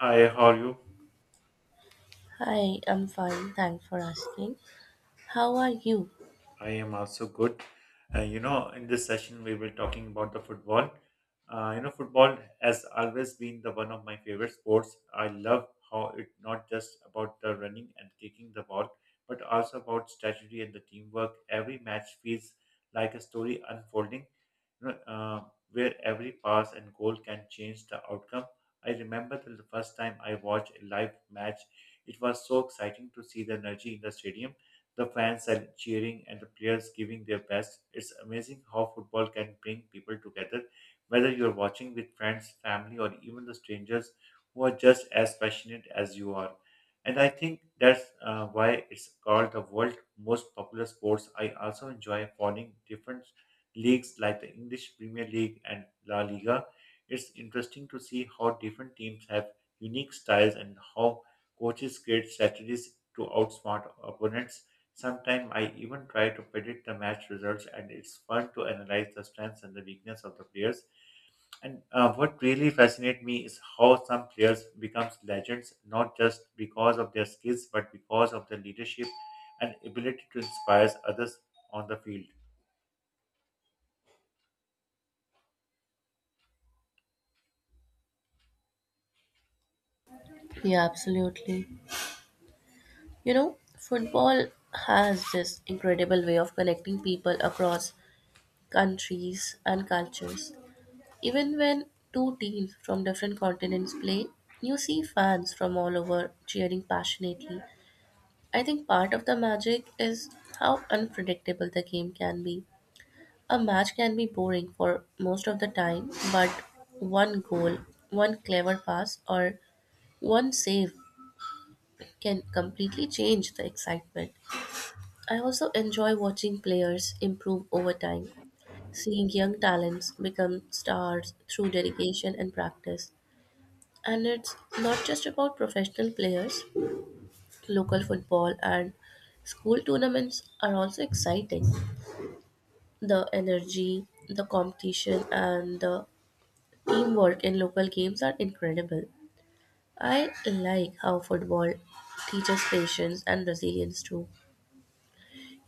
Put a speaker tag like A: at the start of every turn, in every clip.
A: Hi, how are you?
B: Hi, I'm fine. Thanks for asking. How are you?
A: I am also good. In this session, we were talking about the football. Football has always been the one of my favorite sports. I love how it not just about the running and kicking the ball, but also about strategy and the teamwork. Every match feels like a story unfolding, you know, uh, where every pass and goal can change the outcome. I remember the first time I watched a live match. It was so exciting to see the energy in the stadium the fans are cheering and the players giving their best. It's amazing how football can bring people together, whether you're watching with friends, family, or even the strangers who are just as passionate as you are. And I think that's why it's called the world's most popular sports. I also enjoy following different leagues like the English Premier League and La Liga. It's interesting to see how different teams have unique styles and how coaches create strategies to outsmart opponents. Sometimes I even try to predict the match results, and it's fun to analyze the strengths and the weakness of the players. And what really fascinates me is how some players becomes legends, not just because of their skills, but because of their leadership and ability to inspire others on the field.
B: Yeah, absolutely. You know, football has this incredible way of connecting people across countries and cultures. Even when two teams from different continents play, you see fans from all over cheering passionately. I think part of the magic is how unpredictable the game can be. A match can be boring for most of the time, but one goal, one clever pass, or one save can completely change the excitement. I also enjoy watching players improve over time, seeing young talents become stars through dedication and practice. And it's not just about professional players, local football and school tournaments are also exciting. The energy, the competition, and the teamwork in local games are incredible. I like how football teaches patience and resilience too.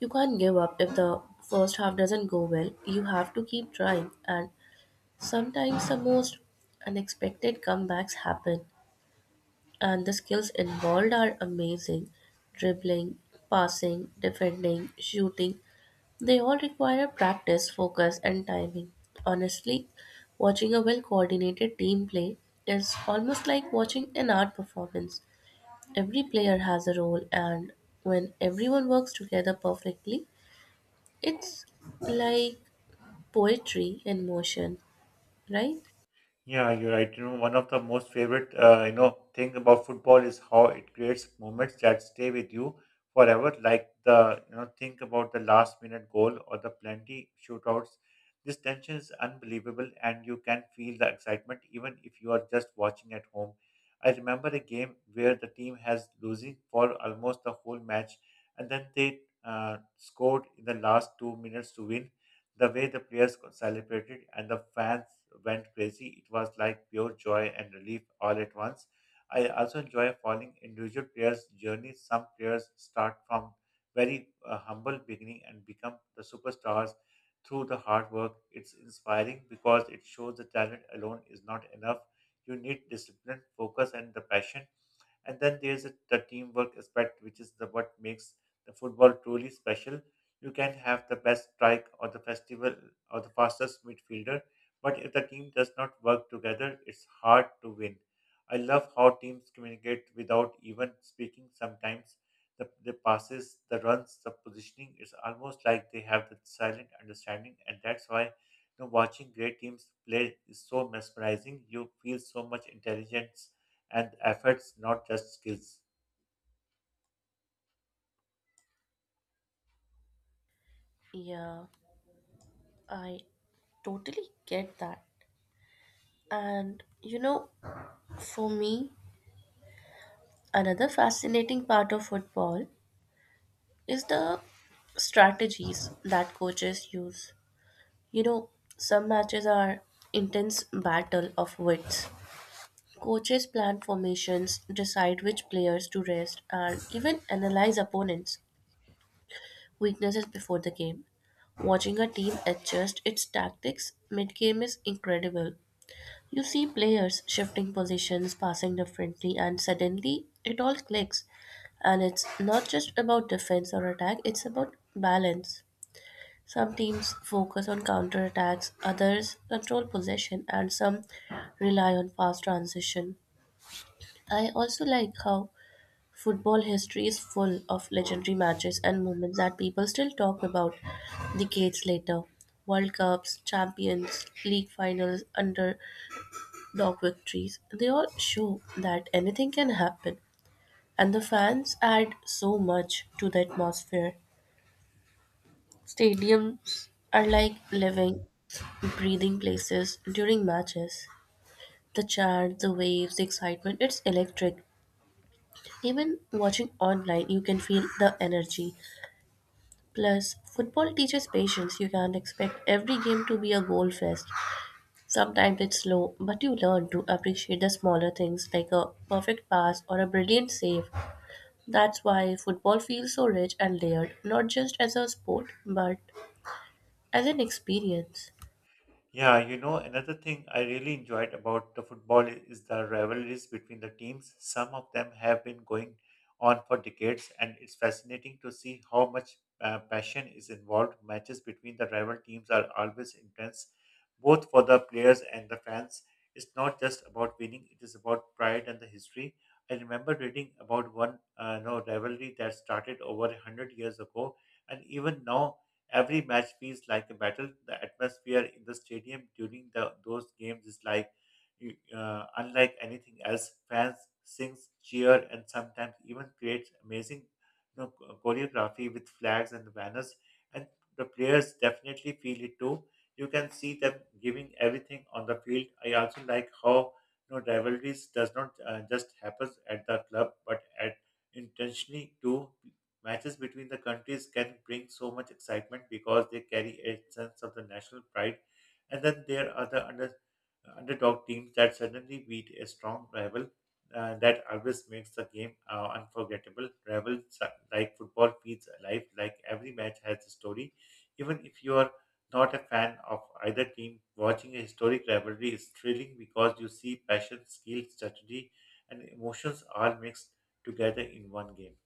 B: You can't give up if the first half doesn't go well. You have to keep trying, and sometimes the most unexpected comebacks happen. And the skills involved are amazing: dribbling, passing, defending, shooting. They all require practice, focus, and timing. Honestly, watching a well coordinated team play is almost like watching an art performance. Every player has a role, and when everyone works together perfectly, it's like poetry in motion, right?
A: Yeah, you're right. You know, one of the most favorite, thing about football is how it creates moments that stay with you forever. Like think about the last minute goal or the plenty shootouts. This tension is unbelievable, and you can feel the excitement even if you are just watching at home. I remember a game where the team has losing for almost the whole match, and then they scored in the last 2 minutes to win the way the players celebrated and the fans went crazy, it was like pure joy and relief all at once. I also enjoy following individual players' journeys. Some players start from very humble beginning and become the superstars through the hard work. It's inspiring because it shows the talent alone is not enough. You need discipline, focus, and the passion. And then there's the teamwork aspect, which is the what makes the football truly special. You can have the best strike or the festival or the fastest midfielder, but if the team does not work together, it's hard to win. I love how teams communicate without even speaking sometimes. The passes, the runs, the positioning, it's almost like they have the silent understanding, and that's why watching great teams play is so mesmerizing. You feel so much intelligence and efforts, not just skills.
B: Yeah, I totally get that. And you know, for me, another fascinating part of football is the strategies that coaches use. You know, some matches are intense battle of wits. Coaches plan formations, decide which players to rest, and even analyze opponents' weaknesses before the game. Watching a team adjust its tactics mid game is incredible. You see players shifting positions, passing differently, and suddenly it all clicks. And it's not just about defense or attack, it's about balance. Some teams focus on counter attacks, others control possession, and some rely on fast transition. I also like how football history is full of legendary matches and moments that people still talk about decades later. World Cups, champions, league finals, underdog victories, they all show that anything can happen. And the fans add so much to the atmosphere. Stadiums are like living, breathing places during matches. The chant, the waves, the excitement, it's electric. Even watching online, you can feel the energy. Plus, football teaches patience. You can't expect every game to be a goal fest. Sometimes it's slow, but you learn to appreciate the smaller things like a perfect pass or a brilliant save. That's why football feels so rich and layered, not just as a sport, but as an experience.
A: Yeah, you know, another thing I really enjoyed about the football is the rivalries between the teams. Some of them have been going on for decades, and it's fascinating to see how much passion is involved. Matches between the rival teams are always intense, both for the players and the fans. It's not just about winning, it is about pride and the history. I remember reading about one no, rivalry that started over 100 years ago, and even now every match feels like a battle. The atmosphere in the stadium during those games is like unlike anything else. Fans sing, cheer, and sometimes even create amazing choreography with flags and banners. And the players definitely feel it too. You can see them giving everything on the field. I also like how rivalries does not just happens at the club, but at intentionally too. Matches between the countries can bring so much excitement because they carry a sense of the national pride, and then there are the underdog teams that suddenly beat a strong rival. That always makes the game unforgettable. Like football feels alive, like every match has a story. Even if you are not a fan of either team, watching a historic rivalry is thrilling because you see passion, skill, strategy, and emotions all mixed together in one game.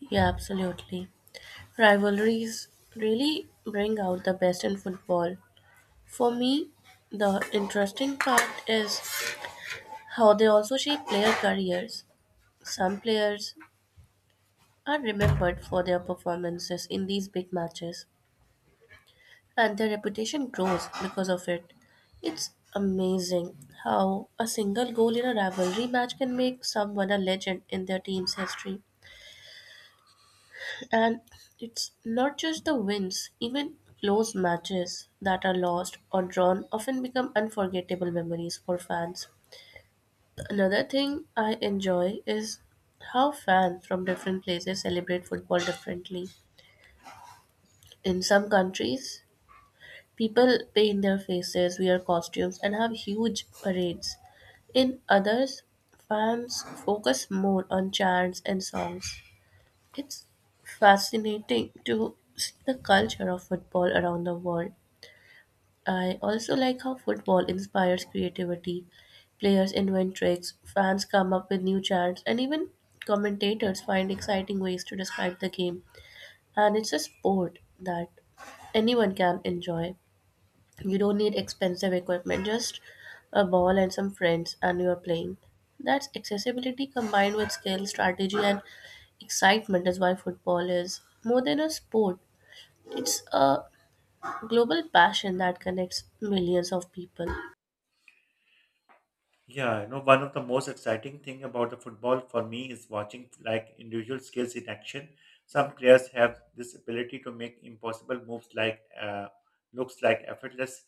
B: Yeah, absolutely. Rivalries really bring out the best in football. For me, the interesting part is how they also shape player careers. Some players are remembered for their performances in these big matches and their reputation grows because of it. It's amazing how a single goal in a rivalry match can make someone a legend in their team's history. And it's not just the wins, even close matches that are lost or drawn often become unforgettable memories for fans. Another thing I enjoy is how fans from different places celebrate football differently. In some countries, people paint their faces, wear costumes, and have huge parades. In others, fans focus more on chants and songs. It's fascinating to see the culture of football around the world. I also like how football inspires creativity. Players invent tricks, fans come up with new chants, and even commentators find exciting ways to describe the game. And it's a sport that anyone can enjoy. You don't need expensive equipment, just a ball and some friends, and you're playing. That's accessibility combined with skill, strategy, and excitement is why football is more than a sport. It's a global passion that connects millions of people.
A: Yeah, you know, one of the most exciting thing about the football for me is watching like individual skills in action. Some players have this ability to make impossible moves looks like effortless,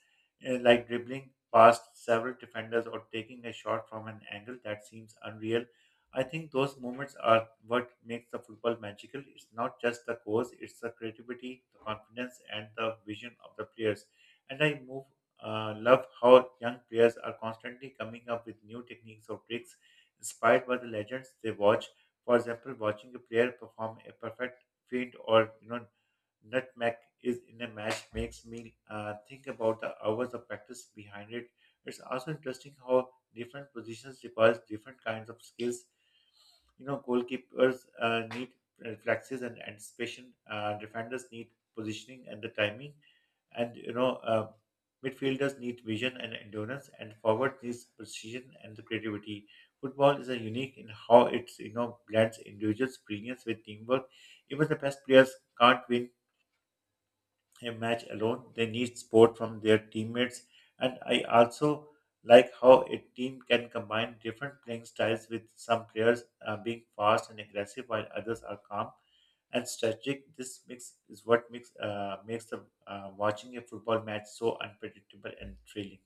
A: like dribbling past several defenders or taking a shot from an angle that seems unreal. I think those moments are what makes the football magical. It's not just the goals; it's the creativity, the confidence, and the vision of the players. And I move love how young players are constantly coming up with new techniques or tricks inspired by the legends they watch. For example, watching a player perform a perfect feint or nutmeg is in a match makes me think about the hours of practice behind it. It's also interesting how different positions requires different kinds of skills goalkeepers need reflexes and anticipation. Defenders need positioning and the timing, and midfielders need vision and endurance, and forward needs precision and the creativity. Football is a unique in how it's blends individual brilliance with teamwork. Even the best players can't win a match alone. They need support from their teammates. And I also like how a team can combine different playing styles with some players being fast and aggressive while others are calm and strategic. This mix is what makes makes the watching a football match so unpredictable and thrilling.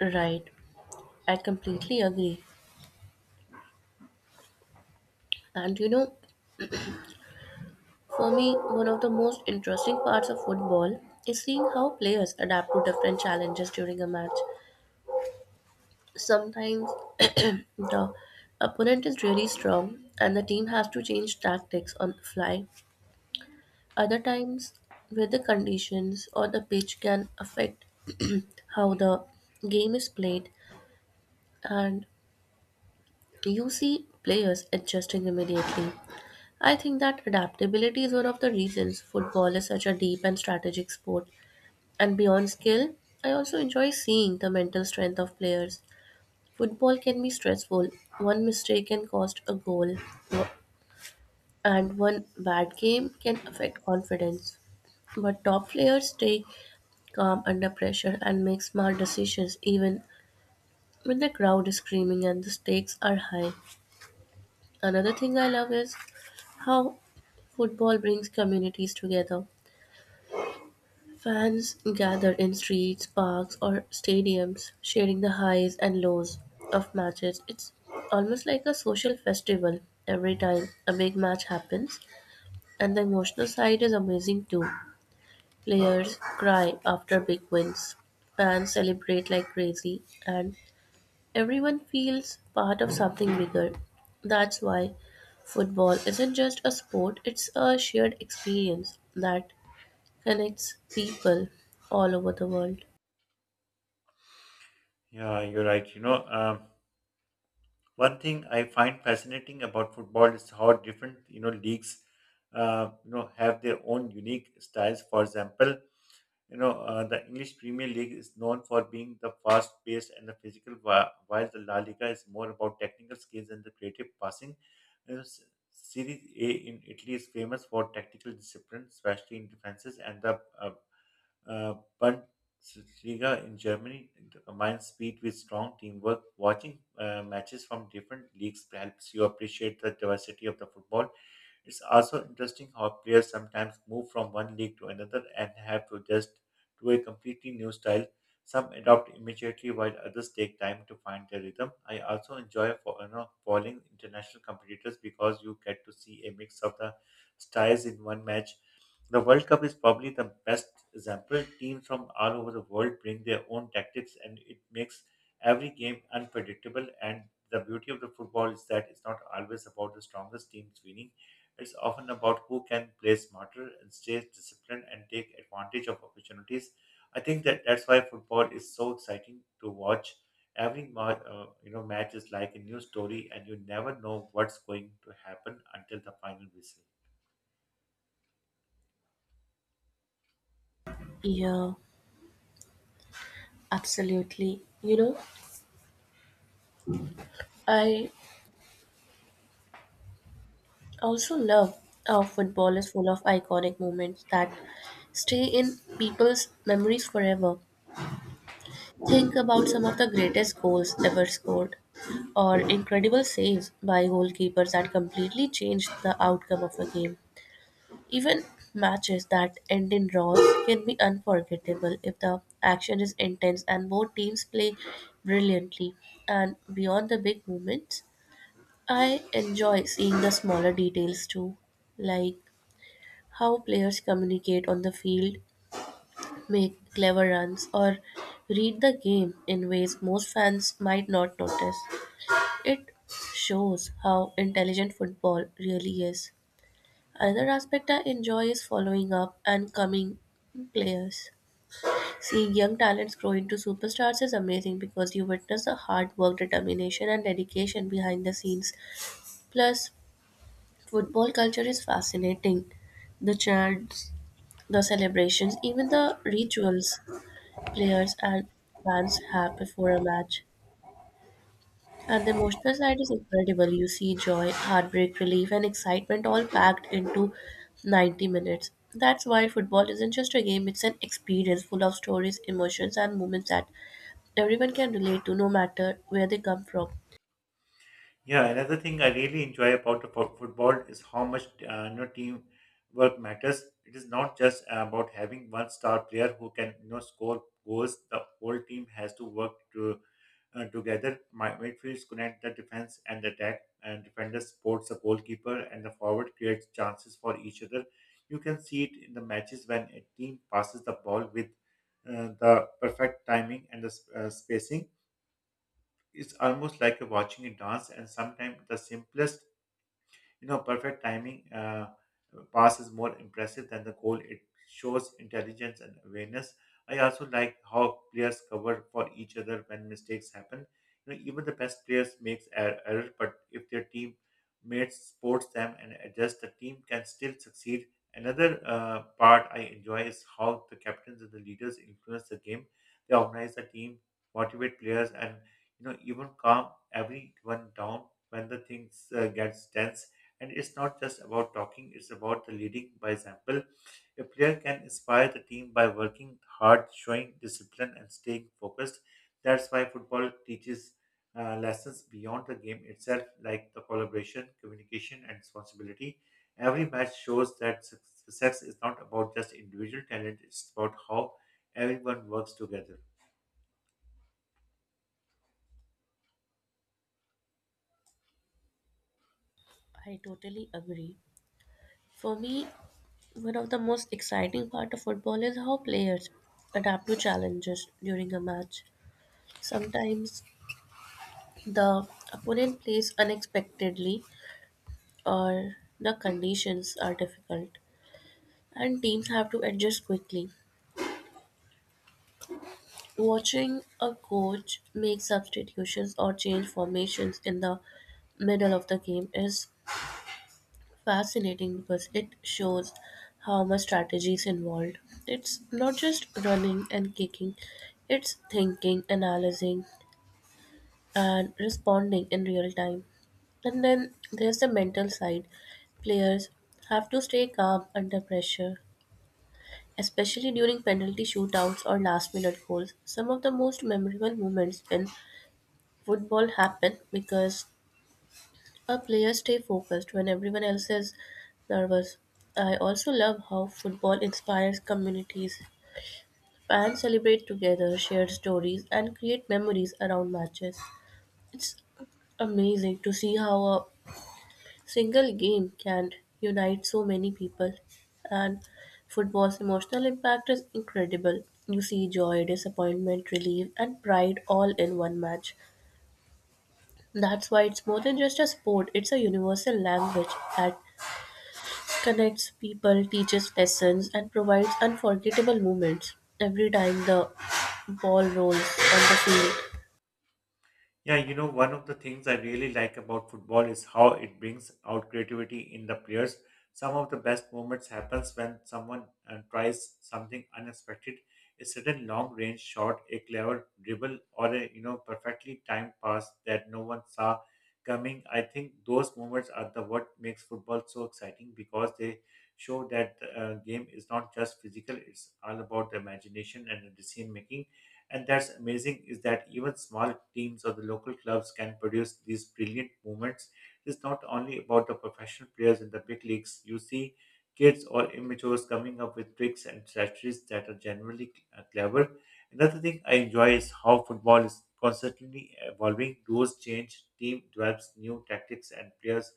B: Right, I completely agree. And you know, for me, one of the most interesting parts of football is seeing how players adapt to different challenges during a match. Sometimes the opponent is really strong and the team has to change tactics on the fly. Other times, weather conditions or the pitch can affect how the game is played, and you see players adjusting immediately. I think that adaptability is one of the reasons football is such a deep and strategic sport. And beyond skill, I also enjoy seeing the mental strength of players. Football can be stressful. One mistake can cost a goal, and one bad game can affect confidence. But top players stay calm under pressure and make smart decisions even when the crowd is screaming and the stakes are high. Another thing I love is how football brings communities together. Fans gather in streets, parks, or stadiums, sharing the highs and lows of matches. It's almost like a social festival every time a big match happens, and the emotional side is amazing too. Players cry after big wins, fans celebrate like crazy, and everyone feels part of something bigger. That's why football isn't just a sport, it's a shared experience that connects people all over the world.
A: Yeah, you're right. One thing I find fascinating about football is how different leagues, have their own unique styles. For example, the English Premier League is known for being the fast-paced and the physical, while the La Liga is more about technical skills and the creative passing. You know, S- Serie A in Italy is famous for tactical discipline, especially in defenses, and the uh, Bundesliga in Germany combines speed with strong teamwork. Watching matches from different leagues helps you appreciate the diversity of the football. It's also interesting how players sometimes move from one league to another and have to adjust to a completely new style. Some adopt immediately while others take time to find their rhythm. I also enjoy following international competitors because you get to see a mix of the styles in one match the World Cup is probably the best example. Teams from all over the world bring their own tactics, and it makes every game unpredictable. And the beauty of the football is that it's not always about the strongest teams winning. It's often about who can play smarter and stay disciplined and take advantage of opportunities. I think that's why football is so exciting to watch. Every match is like a new story, and you never know what's going to happen until the final whistle.
B: Yeah, absolutely. You know, I also love how football is full of iconic moments that stay in people's memories forever. Think about some of the greatest goals ever scored, or incredible saves by goalkeepers that completely changed the outcome of a game. Even matches that end in draws can be unforgettable if the action is intense and both teams play brilliantly. And beyond the big moments, I enjoy seeing the smaller details too, like how players communicate on the field, make clever runs, or read the game in ways most fans might not notice. It shows how intelligent football really is. Another aspect I enjoy is following up and coming players. Seeing young talents grow into superstars is amazing because you witness the hard work, determination, and dedication behind the scenes. Plus, football culture is fascinating. The chants, the celebrations, even the rituals players and fans have before a match. And the emotional side is incredible. You see joy, heartbreak, relief, and excitement all packed into 90 minutes. That's why football isn't just a game, it's an experience full of stories, emotions, and moments that everyone can relate to no matter where they come from.
A: Yeah, another thing I really enjoy about the football is how much team work matters. It is not just about having one star player who can score goals. The whole team has to work together. My midfields connect the defense and the attack, and defenders supports the goalkeeper, and the forward creates chances for each other. You can see it in the matches when a team passes the ball with the perfect timing and the spacing it's almost like watching a dance and sometimes the simplest perfect timing pass is more impressive than the goal. It shows intelligence and awareness. I also like how players cover for each other when mistakes happen. You know, even the best players makes error, but if their team mates supports them and adjust, the team can still succeed. Another part I enjoy is how the captains and the leaders influence the game. They organize the team, motivate players, and even calm everyone down when the things gets tense and it's not just about talking, it's about the leading by example. A player can inspire the team by working hard, showing discipline, and staying focused. That's why football teaches lessons beyond the game itself, like the collaboration, communication, and responsibility. Every match shows that success is not about just individual talent, it's about how everyone works together.
B: I totally agree. For me, one of the most exciting part of football is how players adapt to challenges during a match. Sometimes the opponent plays unexpectedly or the conditions are difficult and teams have to adjust quickly. Watching a coach make substitutions or change formations in the middle of the game is fascinating because it shows how much strategy is involved. It's not just running and kicking, it's thinking, analyzing, and responding in real time. And then there's the mental side. Players have to stay calm under pressure, especially during penalty shootouts or last minute goals. Some of the most memorable moments in football happen because a player stay focused when everyone else is nervous. I also love how football inspires communities. Fans celebrate together, share stories, and create memories around matches. It's amazing to see how a single game can unite so many people. And football's emotional impact is incredible. You see joy, disappointment, relief, and pride all in one match. That's why it's more than just a sport, it's a universal language that connects people, teaches lessons, and provides unforgettable moments every time the ball rolls on the field.
A: Yeah, you know, one of the things I really like about football is how it brings out creativity in the players. Some of the best moments happens when someone tries something unexpected, a sudden long-range shot, a clever dribble, or a perfectly timed pass that no one saw coming. I think those moments are the what makes football so exciting because they show that the game is not just physical; it's all about the imagination and the decision making. And that's amazing is that even small teams or the local clubs can produce these brilliant movements. It's not only about the professional players in the big leagues. You see kids or amateurs coming up with tricks and strategies that are generally clever. Another thing I enjoy is how football is constantly evolving. Rules change, team develops new tactics, and players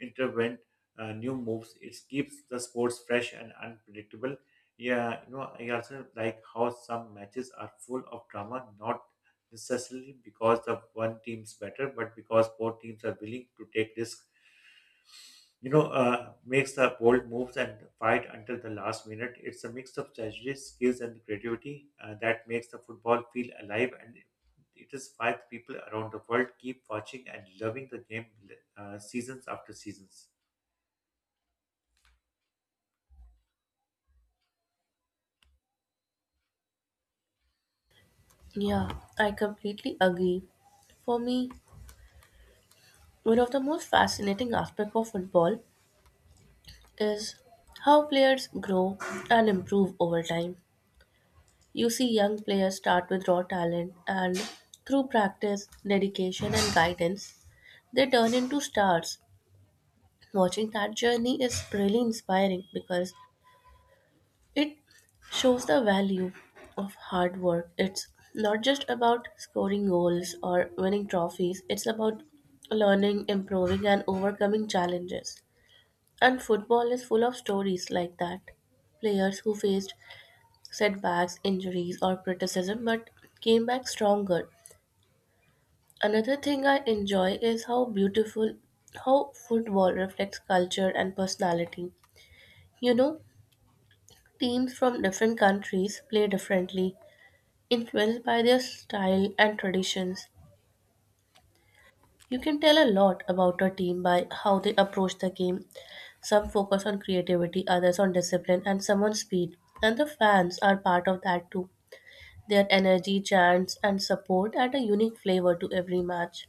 A: intervent new moves. It keeps the sports fresh and unpredictable. Yeah, you know, I also like how some matches are full of drama, not necessarily because the one team's better, but because both teams are willing to take risks. Makes the bold moves and fight until the last minute. It's a mix of strategy, skills, and creativity that makes the football feel alive. And it is why the people around the world keep watching and loving the game seasons after seasons.
B: Yeah, I completely agree. For me, one of the most fascinating aspects of football is how players grow and improve over time. You see young players start with raw talent and through practice, dedication and guidance, they turn into stars. Watching that journey is really inspiring because it shows the value of hard work. It's not just about scoring goals or winning trophies, it's about learning, improving, and overcoming challenges. And football is full of stories like that. Players who faced setbacks, injuries, or criticism but came back stronger. Another thing I enjoy is how beautiful how football reflects culture and personality. You know, teams from different countries play differently, influenced by their style and traditions, you can tell a lot about a team by how they approach the game. Some focus on creativity, others on discipline, and some on speed. And the fans are part of that too. Their energy, chants, and support add a unique flavor to every match.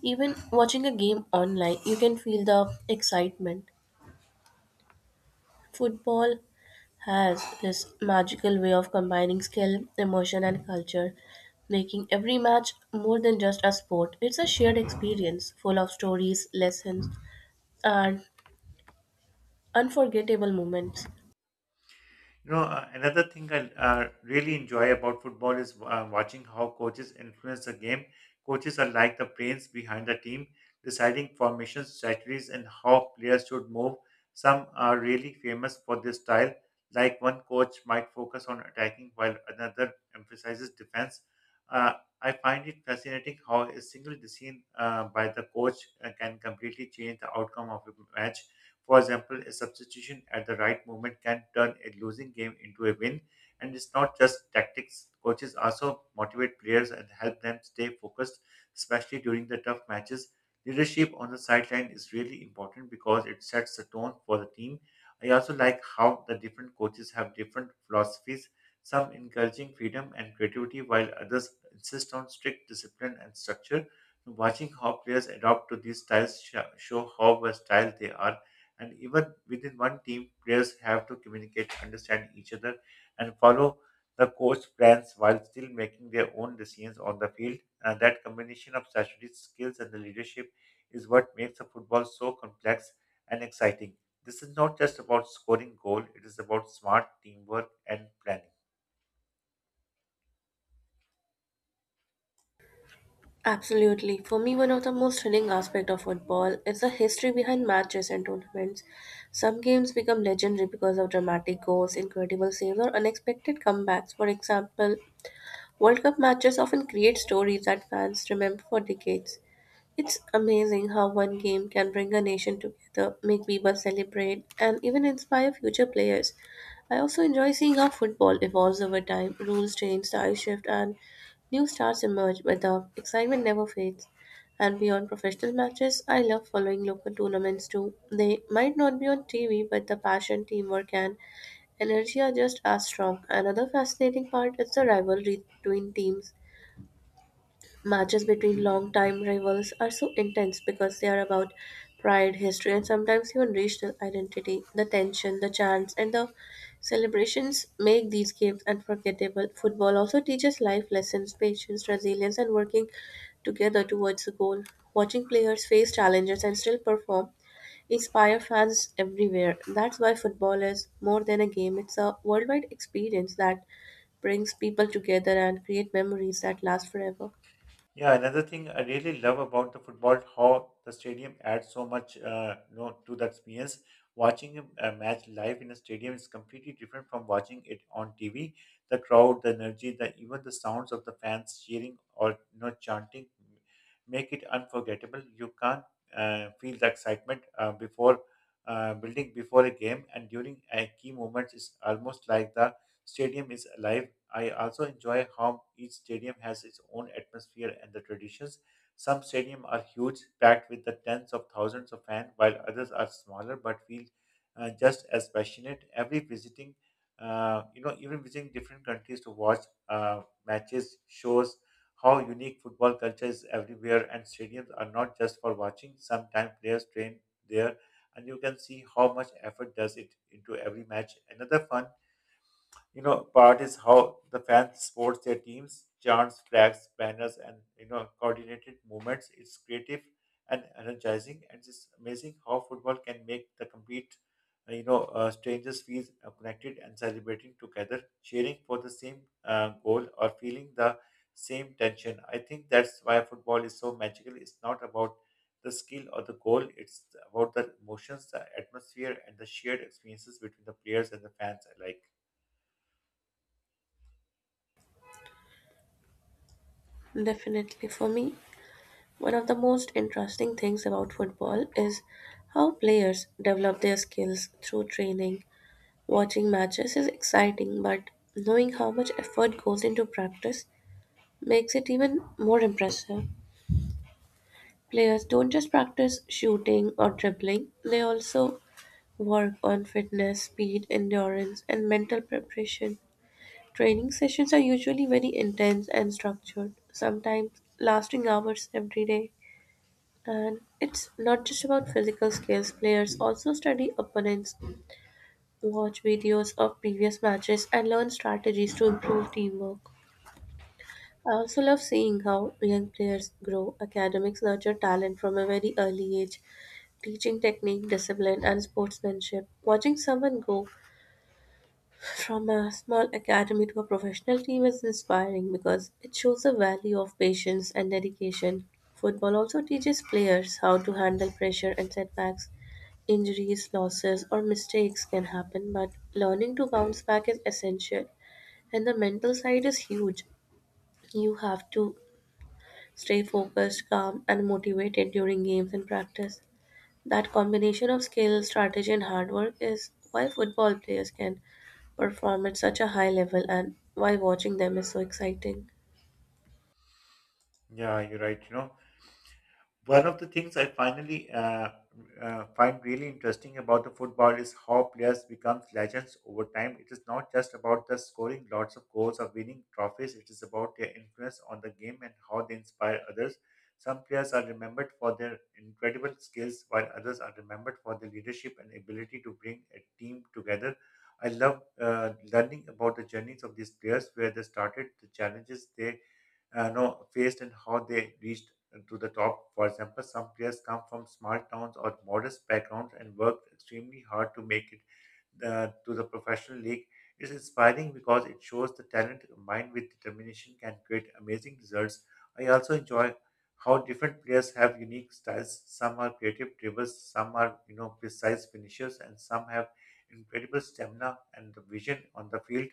B: Even watching a game online, you can feel the excitement. Football has this magical way of combining skill, emotion, and culture, making every match more than just a sport. It's a shared experience full of stories, lessons, and unforgettable moments.
A: Another thing I really enjoy about football is watching how coaches influence the game. Coaches are like the brains behind the team, deciding formations, strategies, and how players should move. Some are really famous for their style, like one coach might focus on attacking while another emphasizes defense. Uh, I find it fascinating how a single decision by the coach can completely change the outcome of a match. For example, a substitution at the right moment can turn a losing game into a win. And it's not just tactics. Coaches also motivate players and help them stay focused, especially during the tough matches. Leadership on the sideline is really important because it sets the tone for the team. I also like how the different coaches have different philosophies, some encouraging freedom and creativity, while others insist on strict discipline and structure. Watching how players adopt to these styles show how versatile they are, and even within one team, players have to communicate, understand each other, and follow the coach plans while still making their own decisions on the field. And that combination of strategic skills and the leadership is what makes the football so complex and exciting. This is not just about scoring goal, it is about smart teamwork and planning.
B: Absolutely. For me, one of the most thrilling aspects of football is the history behind matches and tournaments. Some games become legendary because of dramatic goals, incredible saves, or unexpected comebacks. For example, World Cup matches often create stories that fans remember for decades. It's amazing how one game can bring a nation together, make people celebrate, and even inspire future players. I also enjoy seeing how football evolves over time. Rules change, styles shift, and new stars emerge, but the excitement never fades. And beyond professional matches, I love following local tournaments too. They might not be on TV, but the passion, teamwork, and energy are just as strong. Another fascinating part is the rivalry between teams. Matches between long-time rivals are so intense because they are about pride, history, and sometimes even regional identity. The tension, the chants, and the celebrations make these games unforgettable. Football also teaches life lessons, patience, resilience, and working together towards a goal. Watching players face challenges and still perform inspire fans everywhere. That's why football is more than a game, it's a worldwide experience that brings people together and create memories that last forever.
A: Yeah, another thing I really love about the football, how the stadium adds so much, to the experience. Watching a match live in a stadium is completely different from watching it on TV. The crowd, the energy, the even the sounds of the fans cheering or chanting make it unforgettable. You can't feel the excitement before building before a game and during a key moments. It's almost like the stadium is alive. I also enjoy how each stadium has its own atmosphere and the traditions. Some stadiums are huge, packed with the tens of thousands of fans, while others are smaller but feel just as passionate. Every visiting, even visiting different countries to watch matches shows how unique football culture is everywhere, and stadiums are not just for watching. Sometimes players train there, and you can see how much effort does it into every match. Another fun part is how the fans support their teams, chants, flags, banners, and coordinated movements. It's creative and energizing, and it's amazing how football can make the complete strangers feel connected and celebrating together, cheering for the same goal or feeling the same tension. I think that's why football is so magical. It's not about the skill or the goal, it's about the emotions, the atmosphere, and the shared experiences between the players and the fans alike.
B: Definitely. For me, one of the most interesting things about football is how players develop their skills through training. Watching matches is exciting, but knowing how much effort goes into practice makes it even more impressive. Players don't just practice shooting or dribbling, they also work on fitness, speed, endurance, and mental preparation. Training sessions are usually very intense and structured, sometimes lasting hours every day. And it's not just about physical skills, players also study opponents, watch videos of previous matches, and learn strategies to improve teamwork. I also love seeing how young players grow. Academics nurture talent from a very early age, teaching technique, discipline, and sportsmanship. Watching someone go from a small academy to a professional team is inspiring because it shows the value of patience and dedication. Football also teaches players how to handle pressure and setbacks. Injuries, losses, or mistakes can happen, but learning to bounce back is essential. And the mental side is huge. You have to stay focused, calm, and motivated during games and practice. That combination of skill, strategy, and hard work is why football players can perform at such a high level and why watching them is so exciting.
A: Yeah, you're right. You know, one of the things I finally find really interesting about the football is how players become legends over time. It is not just about the scoring lots of goals or winning trophies. It is about their influence on the game and how they inspire others. Some players are remembered for their incredible skills, while others are remembered for their leadership and ability to bring a team together. I love learning about the journeys of these players, where they started, the challenges they know faced, and how they reached to the top. For example, some players come from small towns or modest backgrounds and worked extremely hard to make it to the professional league is inspiring because it shows the talent combined with determination can create amazing results. I also enjoy how different players have unique styles. Some are creative drivers, some are precise finishers, and some have incredible stamina and the vision on the field.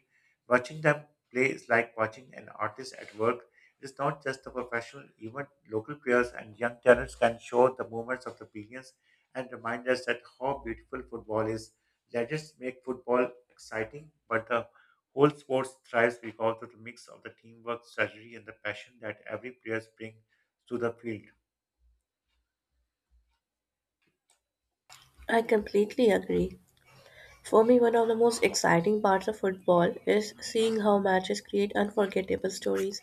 A: Watching them play is like watching an artist at work. It's not just the professional event. Local players and young talents can show the movements of the billions and remind us that how beautiful football is. Gadgets make football exciting, but the whole sport thrives because of the mix of the teamwork, strategy, and the passion that every player brings to the field.
B: I completely agree. For me, one of the most exciting parts of football is seeing how matches create unforgettable stories.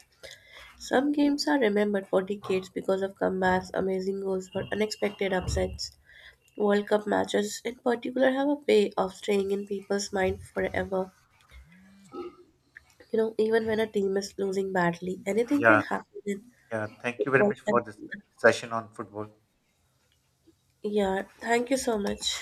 B: Some games are remembered for decades because of comebacks, amazing goals, or unexpected upsets. World Cup matches, in particular, have a way of staying in people's mind forever. You know, even when a team is losing badly, anything can
A: Yeah,
B: happen in
A: yeah. Thank you very
B: football.
A: much for
B: And—
A: this session on football.
B: yeah, thank you so much.